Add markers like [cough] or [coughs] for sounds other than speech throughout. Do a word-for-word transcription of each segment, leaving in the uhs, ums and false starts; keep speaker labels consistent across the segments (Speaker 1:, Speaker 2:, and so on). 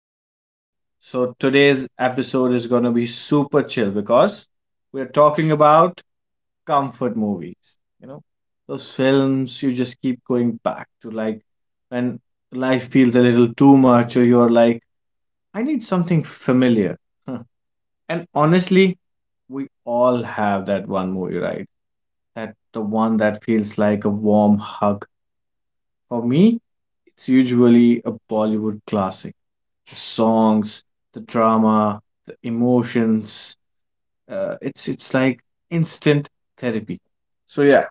Speaker 1: You know, so today's episode is going to be super chill because we're talking about comfort movies. You know, those films you just keep going back to, like when life feels a little too much, or you're like, I need something familiar. Huh. And honestly, we all have that one movie, right? That the one that feels like a warm hug. For me, it's usually a Bollywood classic. The songs, the drama, the emotions. Uh, it's it's like instant therapy. So yeah,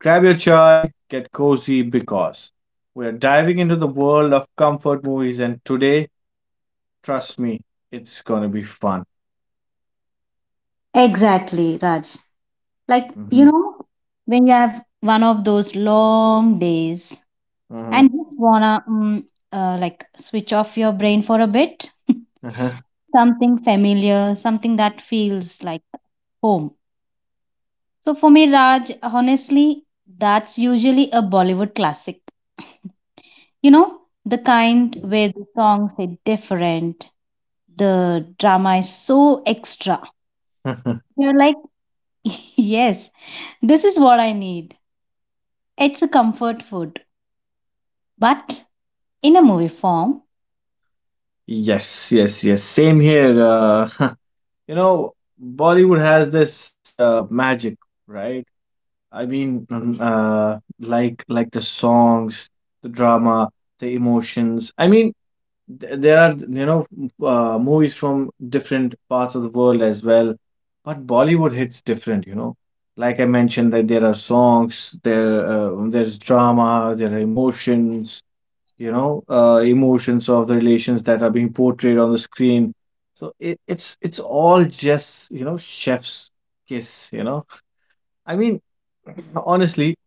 Speaker 1: grab your chai, get cozy because we're diving into the world of comfort movies, and today, trust me, it's gonna be fun.
Speaker 2: Exactly, Raj. Like, you
Speaker 1: hmm
Speaker 2: know, when you have one of those long days
Speaker 1: hmm
Speaker 2: and just wanna mm, uh, like switch off your brain for a bit, [laughs]
Speaker 1: uh-huh.
Speaker 2: something familiar, something that feels like home. So for me, Raj, honestly, that's usually a Bollywood classic. You know, the kind where the songs are different, the drama is so extra. You're like, [laughs] yes, This is what I need. It's a comfort food, but in a movie form.
Speaker 1: [laughs] Yes, yes, yes. Same here. Uh, [laughs] you know, Bollywood has this uh, magic, right? I mean, um, uh, like like the songs, the drama, the emotions. I mean, th- there are you know m- uh, Movies from different parts of the world as well, but Bollywood hits different. You know, like I mentioned, that there are songs, there uh, there's drama, there are emotions. You know, uh, emotions of the relations that are being portrayed on the screen. So it, it's it's all just you know chef's kiss. You know, I mean, [clears throat] [laughs] honestly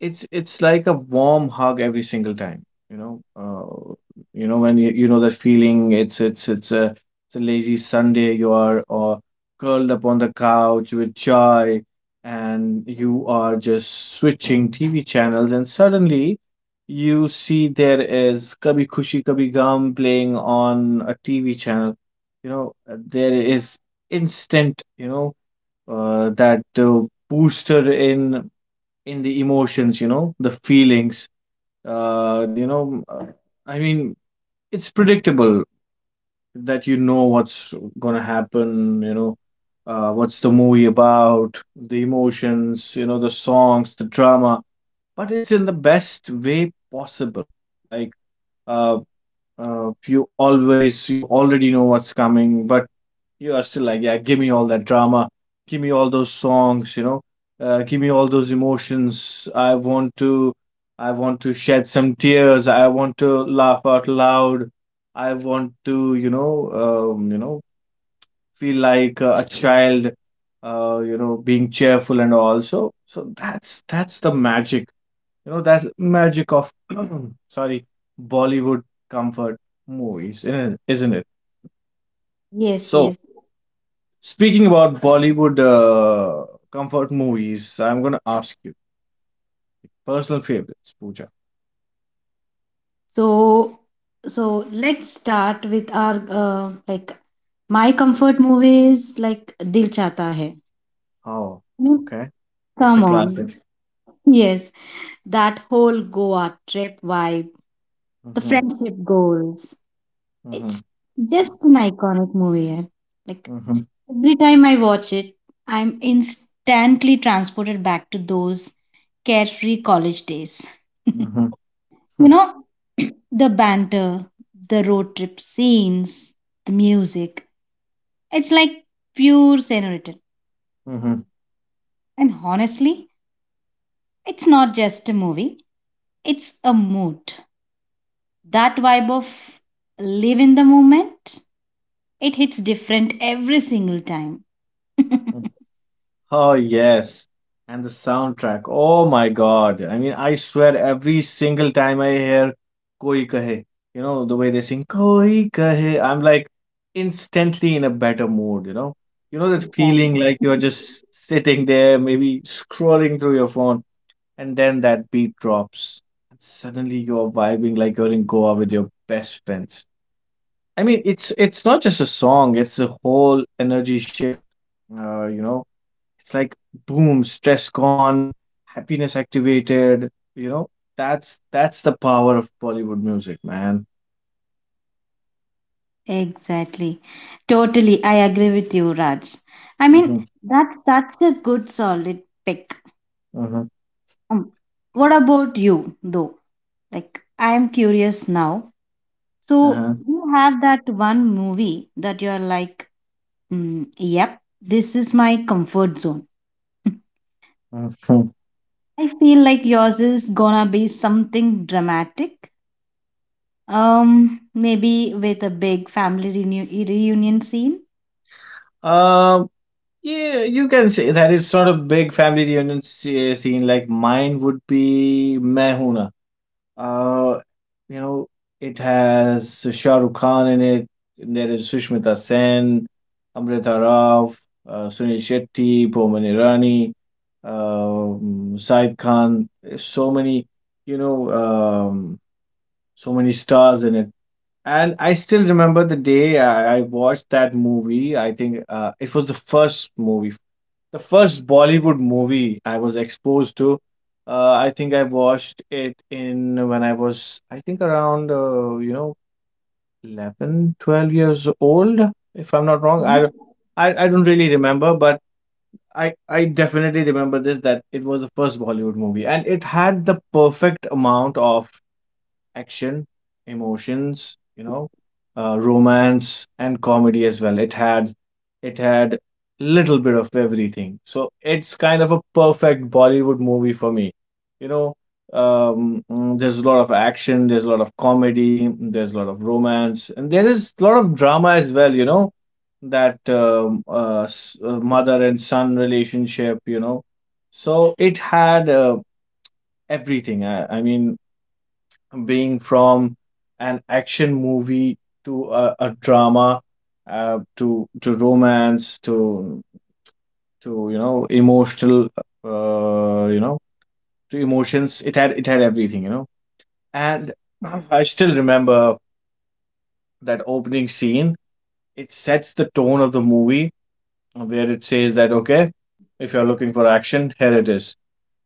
Speaker 1: It's it's like a warm hug every single time, you know. Uh, you know when you, you know that feeling. It's it's it's a it's a lazy Sunday. You are or curled up on the couch with joy, and you are just switching T V channels, and suddenly you see there is Kabhi Khushi Kabhi Gum playing on a T V channel. You know uh, there is instant, you know, uh, that uh, booster in in the emotions, you know, the feelings. Uh you know uh, i mean it's predictable that you know what's gonna happen, you know uh what's the movie about, the emotions, you know, the songs, the drama, but it's in the best way possible. like uh, uh you always you already know what's coming, but you are still like, yeah, give me all that drama, give me all those songs, you know, uh, give me all those emotions. I want to, I want to shed some tears. I want to laugh out loud. I want to, you know, um, you know, feel like a, a child, uh, you know, being cheerful and all. So, so that's that's the magic, you know, that's magic of, [clears throat] sorry, Bollywood comfort movies, isn't it? Isn't it?
Speaker 2: Yes,
Speaker 1: So.
Speaker 2: yes.
Speaker 1: Speaking about Bollywood uh, comfort movies, I'm gonna ask you personal favorites, Pooja.
Speaker 2: So, so let's start with our uh, like my comfort movies like Dil Chata Hai.
Speaker 1: Oh,
Speaker 2: I mean,
Speaker 1: okay. It's a
Speaker 2: come on.
Speaker 1: classic.
Speaker 2: Yes, that whole Goa trip vibe, the
Speaker 1: Mm-hmm.
Speaker 2: friendship goals.
Speaker 1: Mm-hmm.
Speaker 2: It's just an iconic movie. yeah. Like
Speaker 1: Mm-hmm.
Speaker 2: Every time I watch it, I'm instantly transported back to those carefree college days. [laughs]
Speaker 1: Mm-hmm.
Speaker 2: You know, [clears throat] the banter, the road trip scenes, the music. It's like pure senorita.
Speaker 1: Mm-hmm.
Speaker 2: And honestly, it's not just a movie, it's a mood. That vibe of live in the moment, it hits different every single time.
Speaker 1: Oh, yes. And the soundtrack. Oh my God. I mean, I swear every single time I hear Koi Kahe, you know, the way they sing Koi Kahe, I'm like instantly in a better mood, you know. You know
Speaker 2: [laughs]
Speaker 1: that
Speaker 2: Exactly.
Speaker 1: feeling like you're just sitting there, maybe scrolling through your phone, and then that beat drops. And suddenly you're vibing like you're in Goa with your best friends. I mean, it's it's not just a song, it's a whole energy shift. Uh, you know it's like boom, stress gone, happiness activated. You know, that's that's the power of Bollywood music, man.
Speaker 2: Exactly. Totally. I agree with you, Raj. I mean,
Speaker 1: Mm-hmm.
Speaker 2: that's such a good solid pick.
Speaker 1: Mm-hmm.
Speaker 2: Um, what about you, though? Like, I am curious now. So,
Speaker 1: Uh-huh.
Speaker 2: you have that one movie that you're like, mm, yep, this is my comfort zone. [laughs]
Speaker 1: Mhm.
Speaker 2: I feel like yours is gonna be something dramatic. Um, maybe with a big family reunion reunion scene.
Speaker 1: Um, yeah, you can say that is sort of big family reunion sce- scene. Like mine would be Main Hoon. Uh, you know, it has Shah Rukh Khan in it. And there is Sushmita Sen, Amrita Rao, uh, Sunil Shetty, Boman Irani, um, Said Khan. So many, you know, um, so many stars in it. And I still remember the day I, I watched that movie. I think uh, it was the first movie, the first Bollywood movie I was exposed to. uh, I think I watched it in when I was, I think around, uh, you know, eleven, twelve years old, if I'm not wrong. I, don't- I, I don't really remember, but I, I definitely remember this, that it was the first Bollywood movie and it had the perfect amount of action, emotions, you know, uh, romance and comedy as well. It had it had little bit of everything. So it's kind of a perfect Bollywood movie for me. You know, um, mm, there's a lot of action, there's a lot of comedy, there's a lot of romance, and there is a lot of drama as well. You know, that um, uh, s- uh, mother and son relationship. You know, so it had uh, everything. I, I mean, being from an action movie to a, a drama, uh, to to romance, to to you know emotional, uh, you know to emotions. It had it had everything, you know. And [clears throat] I still remember that opening scene. It sets the tone of the movie, where it says that, okay, if you're looking for action, here it is.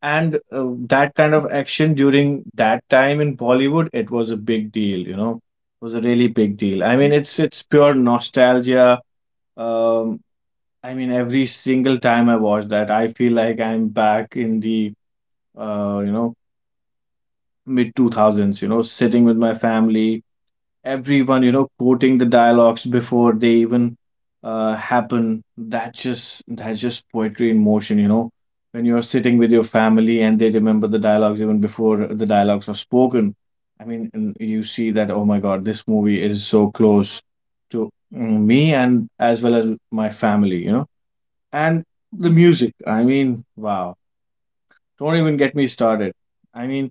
Speaker 1: And uh, that kind of action during that time in Bollywood, it was a big deal, you know, it was a really big deal. I mean, it's it's pure nostalgia. Um, I mean, every single time I watch that, I feel like I'm back in the uh, you know, mid two thousands, you know, sitting with my family, everyone, you know, quoting the dialogues before they even uh, happen. That's just that's just poetry in motion, you know. When you're sitting with your family and they remember the dialogues even before the dialogues are spoken. I mean, n- you see that, oh my God, this movie is so close to mm, me and as well as my family, you know. And the music, I mean, wow. Don't even get me started. I mean,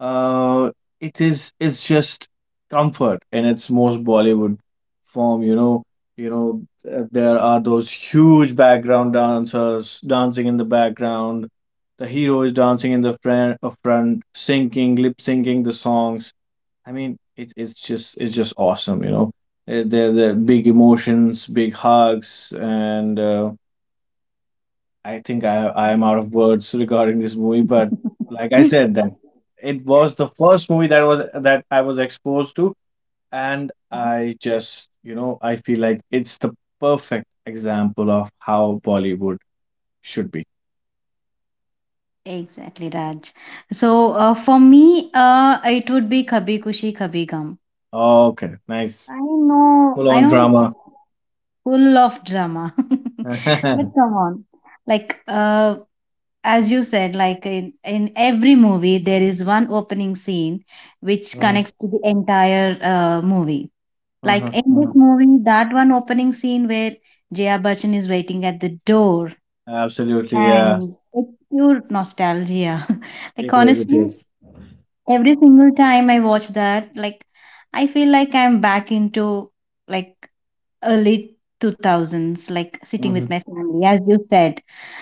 Speaker 1: uh it is it's just comfort in its most Bollywood form, you know. You know th- there are those huge background dancers dancing in the background, the hero is dancing in the front, uh, front syncing lip syncing the songs. I mean, it's it's just it's just awesome, you know. Uh, there there are big emotions, big hugs, and uh, I think I I am out of words regarding this movie. But like I said,
Speaker 2: [laughs]
Speaker 1: that it was the first movie that was that I was exposed to, and I just you know I feel like it's the perfect example of how Bollywood should be.
Speaker 2: Exactly, Raj. So uh, for me, uh, it would be Kabhi Kushi Kabhi Gum.
Speaker 1: Okay, nice.
Speaker 2: I know,
Speaker 1: Full
Speaker 2: I
Speaker 1: on
Speaker 2: know,
Speaker 1: drama.
Speaker 2: full of drama, [laughs] but
Speaker 1: [laughs]
Speaker 2: come on, like uh, as you said, like in in every movie there is one opening scene which
Speaker 1: Mhm.
Speaker 2: connects to the entire uh, movie. Like
Speaker 1: Mhm.
Speaker 2: in this
Speaker 1: Mhm.
Speaker 2: movie, that one opening scene where Jaya Bachchan is waiting at the door
Speaker 1: Absolutely, yeah.
Speaker 2: And it's pure nostalgia. [laughs] Like,
Speaker 1: It is, it
Speaker 2: honestly,
Speaker 1: is.
Speaker 2: every single time I watch that, like, I feel like I'm back into like early two thousands, like sitting with
Speaker 1: Mhm.
Speaker 2: my family, as you said.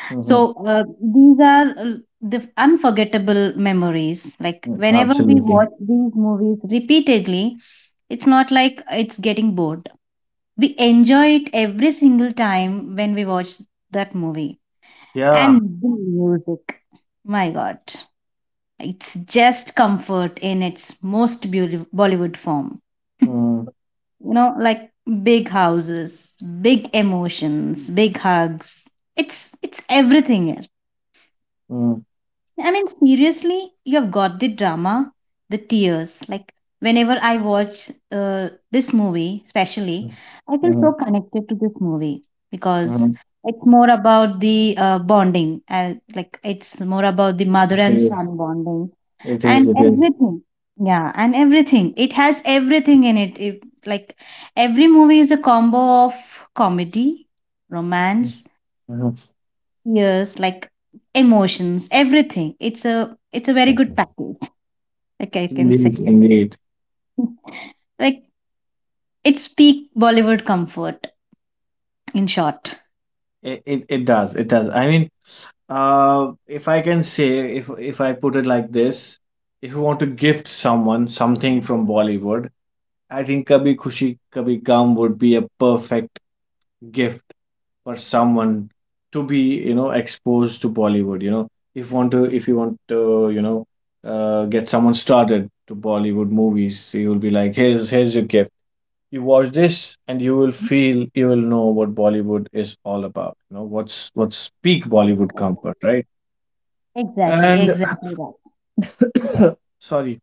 Speaker 1: Mhm.
Speaker 2: So, uh, these are uh, the unforgettable memories. Like,
Speaker 1: Mhm.
Speaker 2: whenever we
Speaker 1: Absolutely,
Speaker 2: watch these movies repeatedly, it's not like it's getting bored. We enjoy it every single time when we watch that movie. And
Speaker 1: yeah.
Speaker 2: the music. My God. It's just comfort in its most beautiful Bollywood form. [laughs] You
Speaker 1: Mm.
Speaker 2: know, like big houses, big emotions, big hugs. It's it's everything
Speaker 1: Mm.
Speaker 2: I mean, seriously, you've got the drama, the tears. Like, whenever I watch uh, this movie, especially,
Speaker 1: Mm.
Speaker 2: I feel so
Speaker 1: Mhm.
Speaker 2: connected to this movie because
Speaker 1: Mhm.
Speaker 2: it's more about the uh, bonding, as like, it's more about the mother and son bonding
Speaker 1: It is,
Speaker 2: and
Speaker 1: it is.
Speaker 2: everything. Yeah, and everything. It has everything in it. it. Like, every movie is a combo of comedy, romance,
Speaker 1: Uh-huh.
Speaker 2: Yes, like emotions, everything. It's a it's a very good package, like I can
Speaker 1: Indeed,
Speaker 2: say.
Speaker 1: indeed.
Speaker 2: Like it's peak Bollywood comfort, in short.
Speaker 1: It, it it does, it does. I mean, uh, if I can say, if if I put it like this, if you want to gift someone something from Bollywood, I think Kabhi Khushi Kabhi Gum would be a perfect gift for someone to be, you know, exposed to Bollywood, you know. If want to if you want to, you know, uh, get someone started to Bollywood movies, you will be like, here's here's your gift. You watch this and you will feel you will know what Bollywood is all about. You know what's what's peak Bollywood
Speaker 2: Exactly,
Speaker 1: comfort, right?
Speaker 2: exactly
Speaker 1: And
Speaker 2: exactly right.
Speaker 1: [coughs] sorry,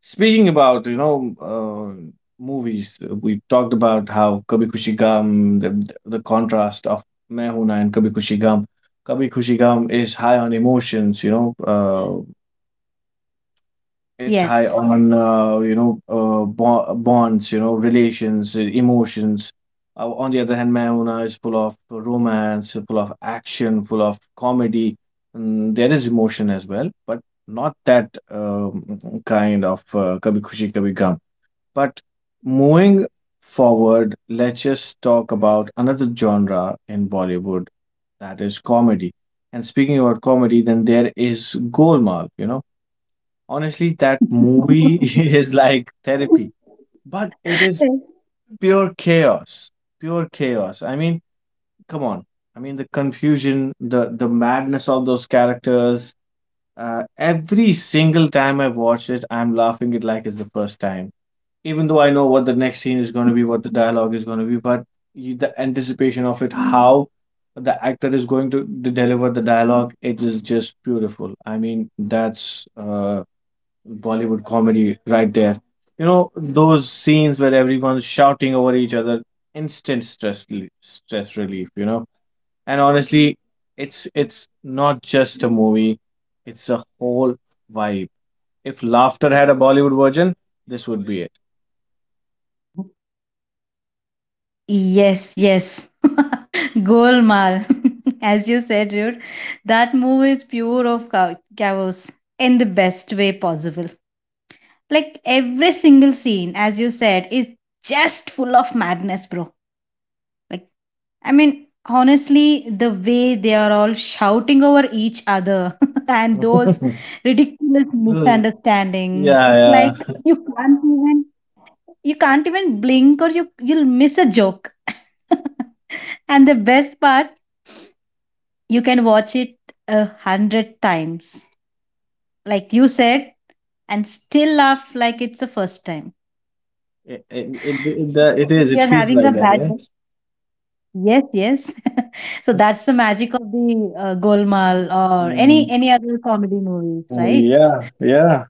Speaker 1: speaking about you know uh, movies, uh, we talked about how Kabhi Khushi Gum, the, the contrast of Main Hoon Na and Kabhi Khushi Gum. Kabhi Khushi Gum is high on emotions, you know, uh, it's high
Speaker 2: Yes.
Speaker 1: on uh, you know uh, bo- bonds, you know, relations, uh, emotions. Uh, on the other hand, Mahuna is full of romance, full of action, full of comedy. Mm, there is emotion as well, but not that um, kind of uh, Kabhi Khushi Kabhi Gum. But moving forward, let's just talk about another genre in Bollywood, that is comedy. And speaking about comedy, then there is Golmaal, you know. Honestly, that movie [laughs] is like therapy, but it is
Speaker 2: [laughs]
Speaker 1: pure chaos. Pure chaos. I mean, come on. I mean, the confusion, the the madness of those characters. Uh, every single time I've watched it, I'm laughing it like it's the first time. Even though I know what the next scene is going to be, what the dialogue is going to be, but you, the anticipation of it, how the actor is going to, to deliver the dialogue, it is just beautiful. I mean, that's uh, Bollywood comedy right there. You know, those scenes where everyone's shouting over each other, instant stress rel- stress relief, you know. And honestly, it's it's not just a movie, it's a whole vibe. If laughter had a Bollywood version, this would be it.
Speaker 2: Yes, yes. [laughs] Golmaal. [laughs] As you said, dude, that movie is pure of chaos chaos in the best way possible. Like every single scene, as you said, is just full of madness, bro. Like, I mean, honestly, the way they are all shouting over each other [laughs] and those
Speaker 1: [laughs]
Speaker 2: ridiculous
Speaker 1: This
Speaker 2: misunderstandings, it's
Speaker 1: Yeah,
Speaker 2: like
Speaker 1: yeah.
Speaker 2: you can't even you can't even blink or you you'll miss a joke. [laughs] And the best part, you can watch it a hundred times, like you said, and still laugh like it's the first time.
Speaker 1: It, it, it, it, that-
Speaker 2: So
Speaker 1: it
Speaker 2: if
Speaker 1: is. It
Speaker 2: you're
Speaker 1: feels
Speaker 2: having a
Speaker 1: like that, yeah.
Speaker 2: bad day, yes, yes. [laughs] so that's the magic of the uh, Golmaal or any
Speaker 1: Mm,
Speaker 2: any other comedy movies,
Speaker 1: movie,
Speaker 2: right?
Speaker 1: yeah, yeah.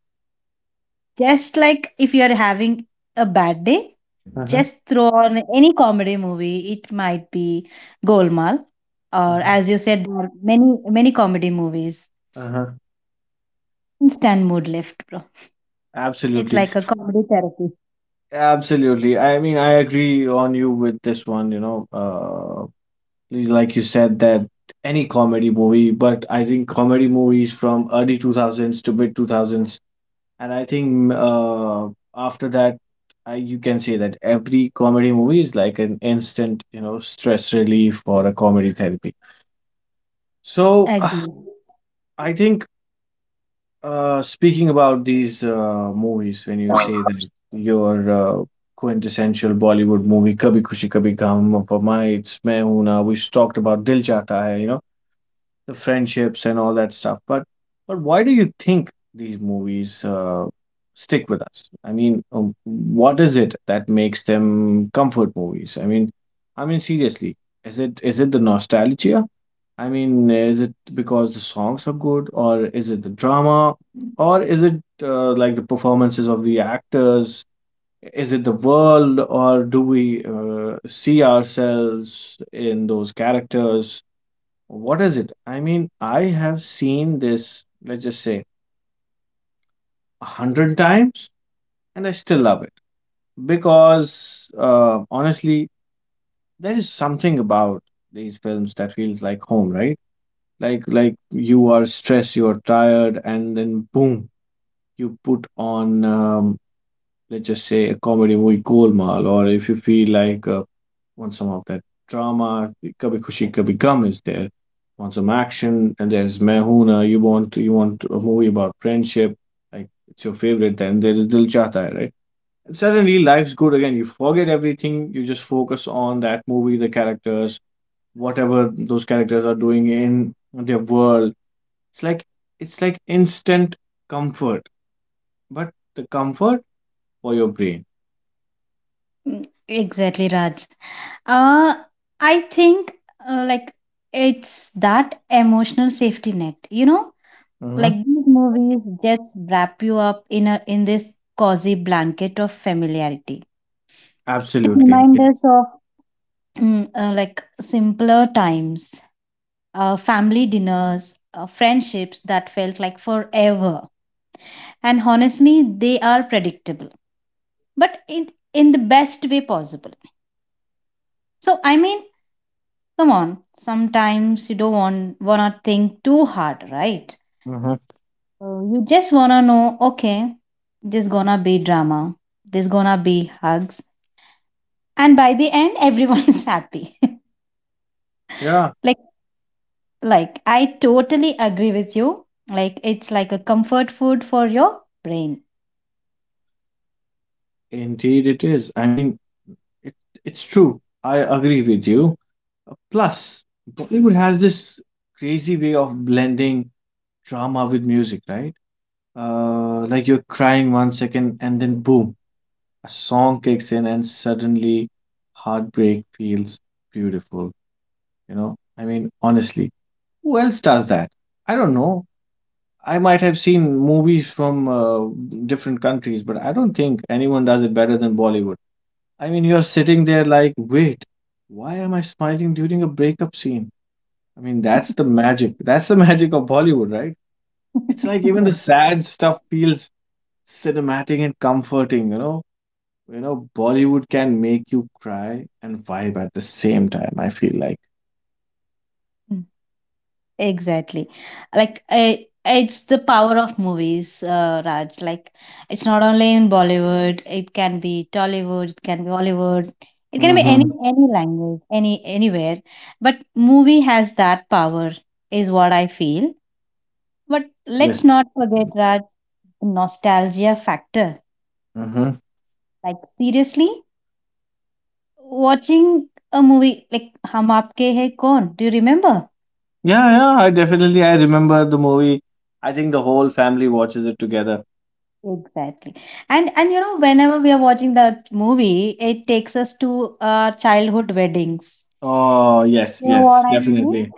Speaker 2: Just like if you're having a bad day,
Speaker 1: Uh-huh.
Speaker 2: just throw on any comedy movie. It might be Golmaal, or
Speaker 1: Uh-huh.
Speaker 2: as you said, there are many many comedy movies.
Speaker 1: Uh-huh.
Speaker 2: Instant mood lift, bro. It's
Speaker 1: Absolutely.
Speaker 2: like a comedy therapy.
Speaker 1: Absolutely. I mean, I agree on you with this one, you know, uh, like you said that any comedy movie, but I think comedy movies from early two thousands to mid two thousands, and I think mm, uh, after that, I, you can say that every comedy movie is like an instant, you know, stress relief or a comedy therapy. So
Speaker 2: Agree.
Speaker 1: [sighs] I think Uh, speaking about these uh, movies, when you say that your uh, quintessential Bollywood movie "Kabhi Khushi Kabhi Gham," for my it's "Main Hoon Na," we talked about "Dil Chahta Hai," you know, the friendships and all that stuff. But but why do you think these movies uh, stick with us? I mean, um, what is it that makes them comfort movies? I mean, I mean seriously, is it is it the nostalgia? I mean, is it because the songs are good, or is it the drama, or is it uh, like the performances of the actors? Is it the world, or do we uh, see ourselves in those characters? What is it? I mean, I have seen this, let's just say, a hundred times, and I still love it because uh, honestly, there is something about these films that feels like home, right? like like you are stressed, you are tired, and then boom, you put on um, let's just say a comedy movie, Golmaal, or if you feel like uh, want some of that drama, Kabhi Khushi Kabhi Gum is there. Want some action, and there's Mehuna. You want you want a movie about friendship like it's your favorite, then there is Dil Chahta Hai, right? And suddenly life's good again. You forget everything, you just focus on that movie, the characters, whatever those characters are doing in their world. It's like it's like instant comfort, but the comfort for your brain.
Speaker 2: Mm, Exactly, Raj. Uh, I think uh, like it's that emotional safety net. You know,
Speaker 1: Mm-hmm.
Speaker 2: like these movies just wrap you up in a in this cozy blanket of familiarity. They
Speaker 1: Absolutely.
Speaker 2: remind
Speaker 1: It,
Speaker 2: us of mm, uh, like simpler times, uh, family dinners, uh, friendships that felt like forever. And honestly, they are predictable, but in in the best way possible So I mean, come on. Sometimes you don't want wanna think too hard, right?
Speaker 1: Mm-hmm.
Speaker 2: Uh, you just wanna know, okay, there's gonna be drama, there's gonna be hugs, and by the end, [laughs] everyone is happy. [laughs]
Speaker 1: Yeah,
Speaker 2: like, like I totally agree with you. Like it's like a comfort food for your brain.
Speaker 1: indeed it is. I mean, it, it's true. I agree with you. Uh, Plus, Bollywood has this crazy way of blending drama with music, right? Uh, like you're crying one second and then boom, a song kicks in and suddenly heartbreak feels beautiful, you know? I mean, honestly. Who else does that? I don't know. I might have seen movies from uh, different countries, but I don't think anyone does it better than Bollywood. I mean, you're sitting there like, wait, why am I smiling during a breakup scene? I mean, that's the magic. That's the [laughs] magic of Bollywood, right? It's like even the
Speaker 2: [laughs]
Speaker 1: sad stuff feels cinematic and comforting, you know? You know, Bollywood can make you cry and vibe at the same time, I feel like.
Speaker 2: Yeah. Exactly. Like I it's the power of movies, uh, Raj. Like it's not only in Bollywood, it can be Tollywood, it can be Hollywood, it can be any
Speaker 1: Mm-hmm.
Speaker 2: any language, any anywhere. But movie has that power, is what I feel. But
Speaker 1: Yeah.
Speaker 2: let's not forget, Raj, the nostalgia factor.
Speaker 1: Mm-hmm.
Speaker 2: Like seriously, watching a movie like Hum Aapke Hai Kaun? Do you remember?
Speaker 1: Yeah, yeah, I definitely I remember the movie. I think the whole family watches it together.
Speaker 2: Exactly. And and you know, whenever we are watching that movie, it takes us to uh, childhood weddings.
Speaker 1: Oh,
Speaker 2: You know
Speaker 1: yes,
Speaker 2: what I
Speaker 1: yes,
Speaker 2: mean?
Speaker 1: definitely.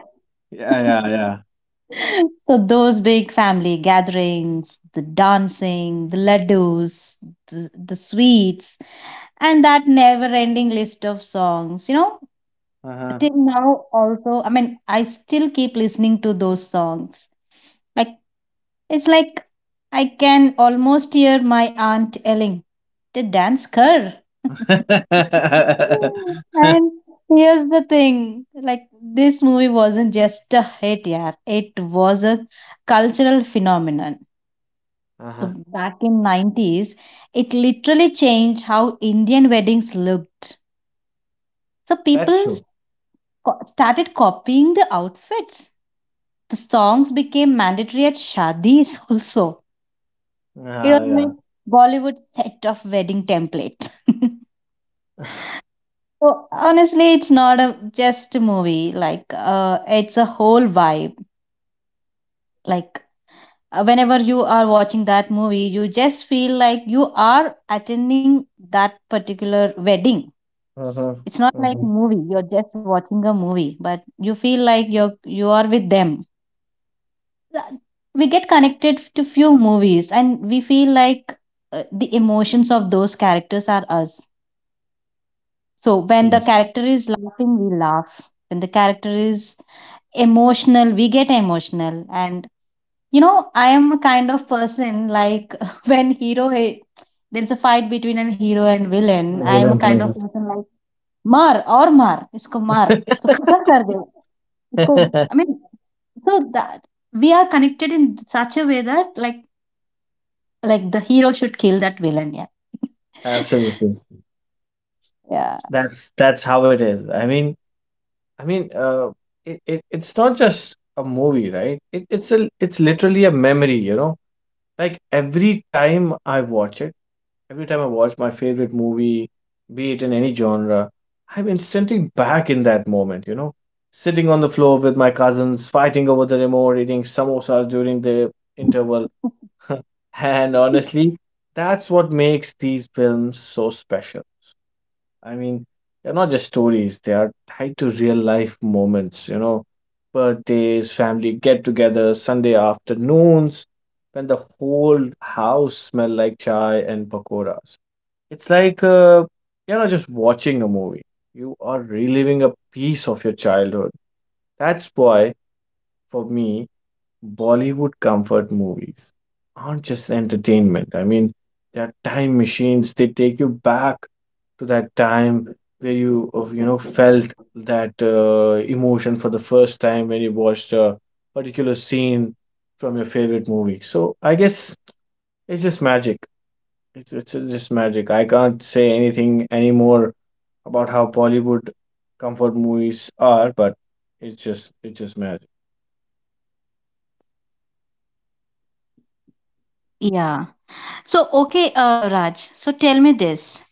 Speaker 1: Yeah, yeah, yeah.
Speaker 2: [laughs] So those big family gatherings, the dancing, the ladoos, the, the sweets, and that never-ending list of songs. You know,
Speaker 1: Uh-huh.
Speaker 2: till now also, I mean, I still keep listening to those songs. Like it's like I can almost hear my aunt yelling, the dance car. [laughs]
Speaker 1: [laughs]
Speaker 2: and here's the thing like, this movie wasn't just a hit, yeah. It was a cultural phenomenon. So
Speaker 1: Uh-huh.
Speaker 2: back in nineties, it literally changed how Indian weddings looked. So people
Speaker 1: That's
Speaker 2: s-
Speaker 1: true.
Speaker 2: co- started copying the outfits. The songs became mandatory at shadis [laughs] also. It
Speaker 1: Yeah,
Speaker 2: was like
Speaker 1: yeah.
Speaker 2: Bollywood set of wedding template. [laughs]
Speaker 1: [laughs]
Speaker 2: So honestly, it's not a, just a movie. Like uh, it's a whole vibe. Like uh, whenever you are watching that movie, you just feel like you are attending that particular wedding.
Speaker 1: Uh-huh.
Speaker 2: It's not like
Speaker 1: Uh-huh.
Speaker 2: movie. You're just watching a movie, but you feel like you're you are with them. We get connected to few movies, and we feel like uh, the emotions of those characters are us. So when the
Speaker 1: Yes.
Speaker 2: character is laughing, we laugh. When the character is emotional, we get emotional. And you know, I am a kind of person like [laughs] when hero eh, there's a fight between a hero and villain.
Speaker 1: I
Speaker 2: I am a kind of
Speaker 1: remember.
Speaker 2: person like mar or mar, isko mar, isko khatam kar
Speaker 1: [laughs]
Speaker 2: de, isko. I mean, so that we are connected in such a way that like like the hero should kill that villain. Yeah,
Speaker 1: Absolutely.
Speaker 2: [laughs] yeah.
Speaker 1: That's that's how it is. I mean, I mean, uh, it, it it's not just a movie, right? It, it's a it's literally a memory, you know. Like every time I watch it, every time I watch my favorite movie, be it in any genre, I'm instantly back in that moment, you know? Sitting on the floor with my cousins, fighting over the remote, eating samosas during the interval. [laughs] And
Speaker 2: [laughs]
Speaker 1: honestly, that's what makes these films so special. I mean, they're not just stories, they are tied to real life moments, you know, birthdays, family get togethers, Sunday afternoons, when the whole house smell like chai and pakoras. It's like uh, you're not just watching a movie, you are reliving a piece of your childhood. That's why, for me, Bollywood comfort movies aren't just entertainment. I mean, they're time machines. They take you back to that time where you, of you know, felt that uh, emotion for the first time when you watched a particular scene from your favorite movie. So I guess it's just magic. It's it's just magic. I can't say anything anymore about how Bollywood comfort movies are, but it's just it's just magic.
Speaker 2: Yeah. So, okay, uh, Raj, so tell me this.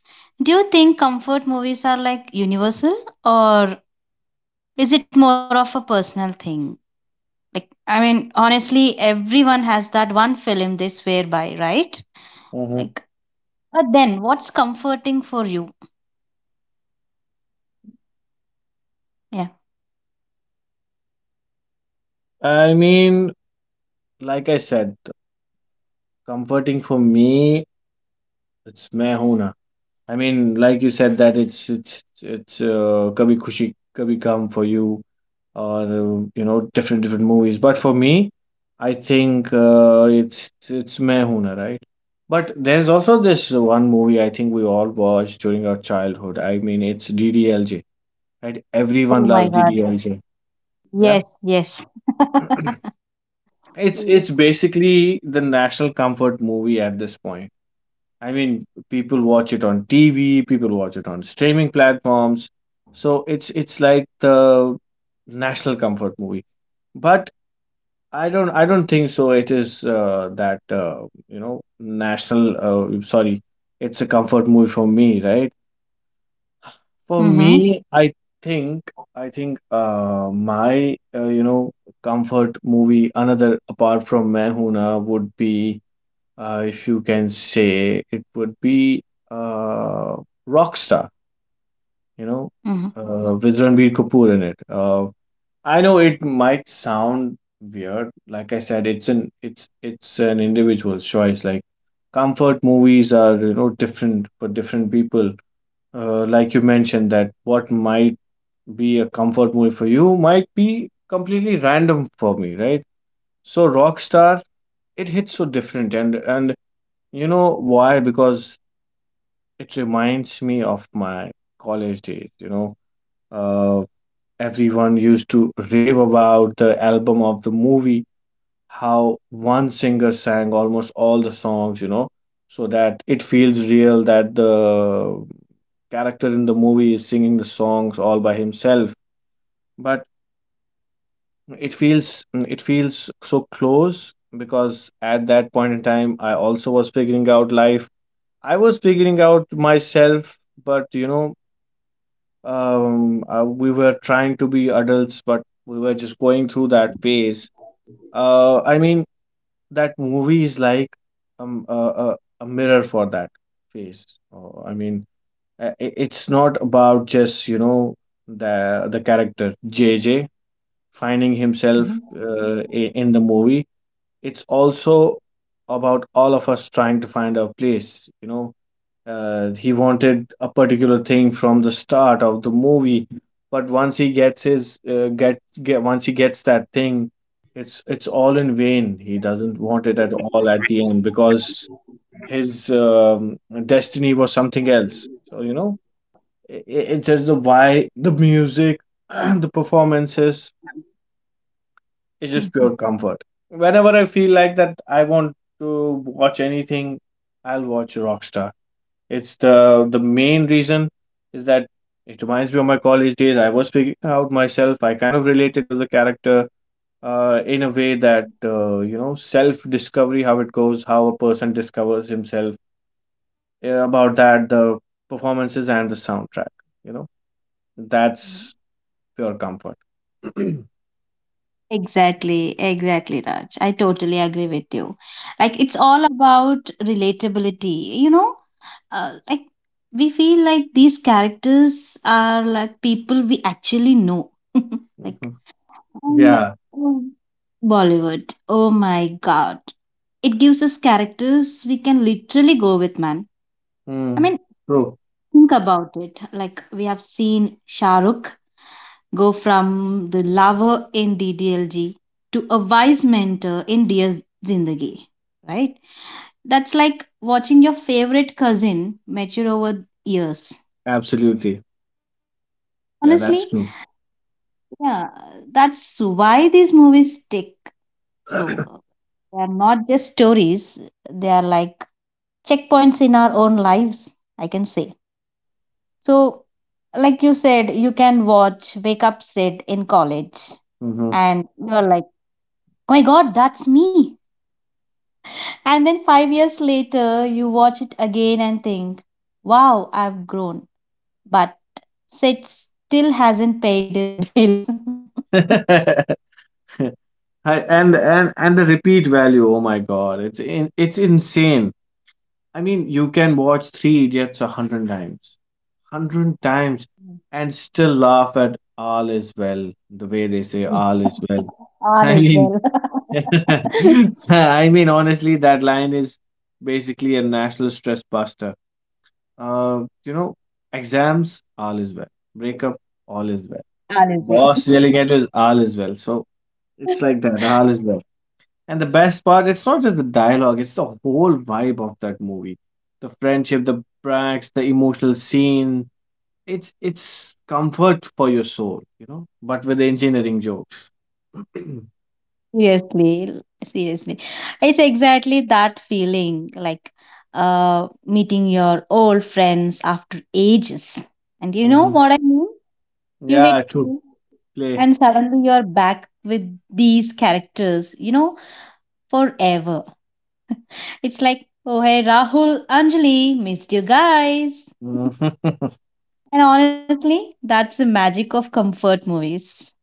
Speaker 2: Do you think comfort movies are like universal, or is it more of a personal thing? Like, I mean, honestly, everyone has that one film they swear by, right? Like,
Speaker 1: Mhm.
Speaker 2: but then what's comforting for you? Yeah.
Speaker 1: I mean, like I said, comforting for me, it's "Main Hoon Na." I mean, like you said that it's it's it's uh, "Kabhi Khushi Kabhi Gum" for you, or uh, you know, different different movies. But for me, I think uh, it's it's "Main Hoon Na," right? But there's also this one movie I think we all watched during our childhood. I mean, it's D D L J, right? Everyone
Speaker 2: Oh my
Speaker 1: loves
Speaker 2: God.
Speaker 1: D D L J. Yeah,
Speaker 2: Yes, yes. [laughs]
Speaker 1: it's
Speaker 2: Yeah.
Speaker 1: it's basically the national comfort movie at this point. I mean, people watch it on T V, people watch it on streaming platforms. So it's it's like the national comfort movie. But I don't I don't think so. It is uh, that uh, you know, national. Uh, sorry, it's a comfort movie for me, right? For
Speaker 2: Mm-hmm.
Speaker 1: me, I think I think uh, my uh, you know, comfort movie another apart from Mehuna would be, uh, if you can say, it would be uh, Rockstar, you know, uh, with Ranbir Kapoor in it. Uh, I know it might sound weird. Like I said, it's an it's it's an individual's choice. Like comfort movies are, you know, different for different people. Uh, like you mentioned that what might be a comfort movie for you might be completely random for me, right? So Rockstar, it hits so different, and and you know why? Because it reminds me of my college days, you know. Uh, Everyone used to rave about the album of the movie, how one singer sang almost all the songs, you know, so that it feels real that the character in the movie is singing the songs all by himself. But it feels it feels so close because at that point in time, I also was figuring out life. I was figuring out myself, but you know, um uh, we were trying to be adults, but we were just going through that phase. Uh i mean that movie is like um a, a, a mirror for that phase. Uh, i mean uh, i- it's not about just, you know, the the character J J finding
Speaker 2: Mm-hmm.
Speaker 1: himself uh, i- in the movie, it's also about all of us trying to find our place, you know. Uh, he wanted a particular thing from the start of the movie, but once he gets his uh, get get once he gets that thing, it's it's all in vain. He doesn't want it at all at the end because his um, destiny was something else. So you know, i i- it's just the why, the music, [clears throat] the performances. It's
Speaker 2: Mm-hmm.
Speaker 1: just pure comfort. Whenever I feel like that, I want to watch anything. I'll watch Rockstar. It's the the main reason is that it reminds me of my college days. I was figuring out myself. I kind of related to the character uh, in a way that, uh, you know, self discovery, how it goes, how a person discovers himself. Yeah, about that, the performances and the soundtrack. You know, that's pure comfort. [clears throat]
Speaker 2: Exactly, exactly, Raj. I totally agree with you. Like, it's all about relatability, you know? Uh, like, we feel like these characters are like people we actually know. [laughs] like,
Speaker 1: Mhm.
Speaker 2: and
Speaker 1: Yeah.
Speaker 2: um, Bollywood, oh my God. It gives us characters we can literally go with, man. I
Speaker 1: Mm.
Speaker 2: mean,
Speaker 1: True.
Speaker 2: think about it. Like we have seen Shahrukh go from the lover in D D L G to a wise mentor in Dear Zindagi, right? That's like watching your favorite cousin mature over years.
Speaker 1: Absolutely. Yeah, that's
Speaker 2: Honestly,
Speaker 1: true.
Speaker 2: yeah, that's why these movies stick. So uh, they are not just stories; they are like checkpoints in our own lives. I can say. So, like you said, you can watch Wake Up Sid in college,
Speaker 1: Hmm.
Speaker 2: and you're like, oh my god, that's me. And then five years later, you watch it again and think, wow, I've grown. But Sid still hasn't paid his bills.
Speaker 1: [laughs] I, and and and the repeat value. Oh my God, it's in, it's insane. I mean, you can watch Three Idiots a hundred times, hundred times,
Speaker 2: [laughs]
Speaker 1: and still laugh at all is well. The way they
Speaker 2: Yes.
Speaker 1: say
Speaker 2: [laughs]
Speaker 1: all is well.
Speaker 2: All is
Speaker 1: I
Speaker 2: well.
Speaker 1: mean,
Speaker 2: [laughs]
Speaker 1: [laughs] I mean, honestly, that line is basically a national stress buster. Uh, you know, exams, all is well. Breakup, all is well.
Speaker 2: All is well.
Speaker 1: Boss yelling at us, all is well. So it's
Speaker 2: [laughs]
Speaker 1: like that, all is well. And the best part, it's not just the dialogue, it's the whole vibe of that movie. The friendship, the pranks, the emotional scene. It's it's comfort for your soul, you know, but with engineering jokes. [clears throat]
Speaker 2: Seriously, l- seriously. It's exactly that feeling like uh meeting your old friends after ages. And you know
Speaker 1: Hmm.
Speaker 2: what I mean? You
Speaker 1: Yeah,
Speaker 2: hit
Speaker 1: true.
Speaker 2: play
Speaker 1: Play.
Speaker 2: and suddenly you're back with these characters, you know, forever. It's like, oh hey Rahul, Anjali, missed you guys.
Speaker 1: Mhm.
Speaker 2: And honestly, that's the magic of comfort movies.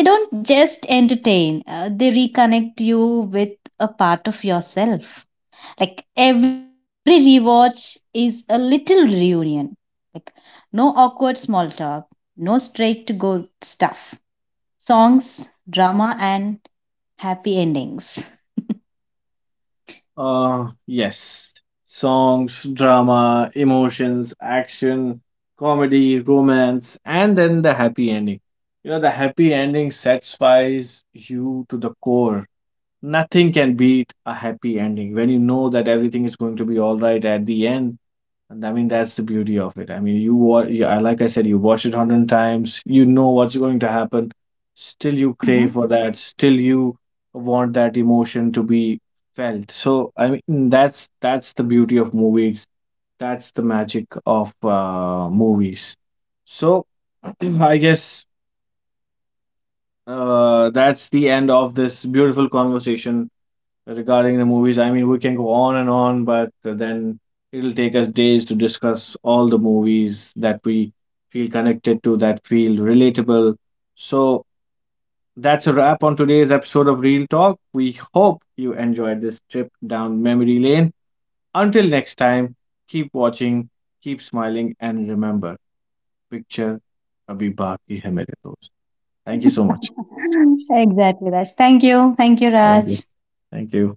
Speaker 2: They don't just entertain, uh, they reconnect you with a part of yourself. Like every rewatch is a little reunion. Like no awkward small talk, no straight to go stuff. Songs, drama, and happy endings.
Speaker 1: [laughs] uh, Yes. Songs, drama, emotions, action, comedy, romance, and then the happy ending. You know, the happy ending satisfies you to the core. Nothing can beat a happy ending when you know that everything is going to be all right at the end. And I mean, that's the beauty of it. I mean, you wa- you I- like I said, you watch it a hundred times, you know what's going to happen. Still, you crave for that.
Speaker 2: Mhm.
Speaker 1: Still, you want that emotion to be felt. So, I mean, that's that's the beauty of movies. That's the magic of uh, movies. So, [clears throat] I guess uh, that's the end of this beautiful conversation regarding the movies. I mean, we can go on and on, but then it'll take us days to discuss all the movies that we feel connected to, that feel relatable. So that's a wrap on today's episode of Real Talk. We hope you enjoyed this trip down memory lane. Until next time, keep watching, keep smiling, and remember, picture abhi baki hai mere dost. Thank you so much.
Speaker 2: [laughs] exactly, Raj. Thank you. Thank you,
Speaker 1: Thank you.
Speaker 2: Raj.
Speaker 1: Thank you.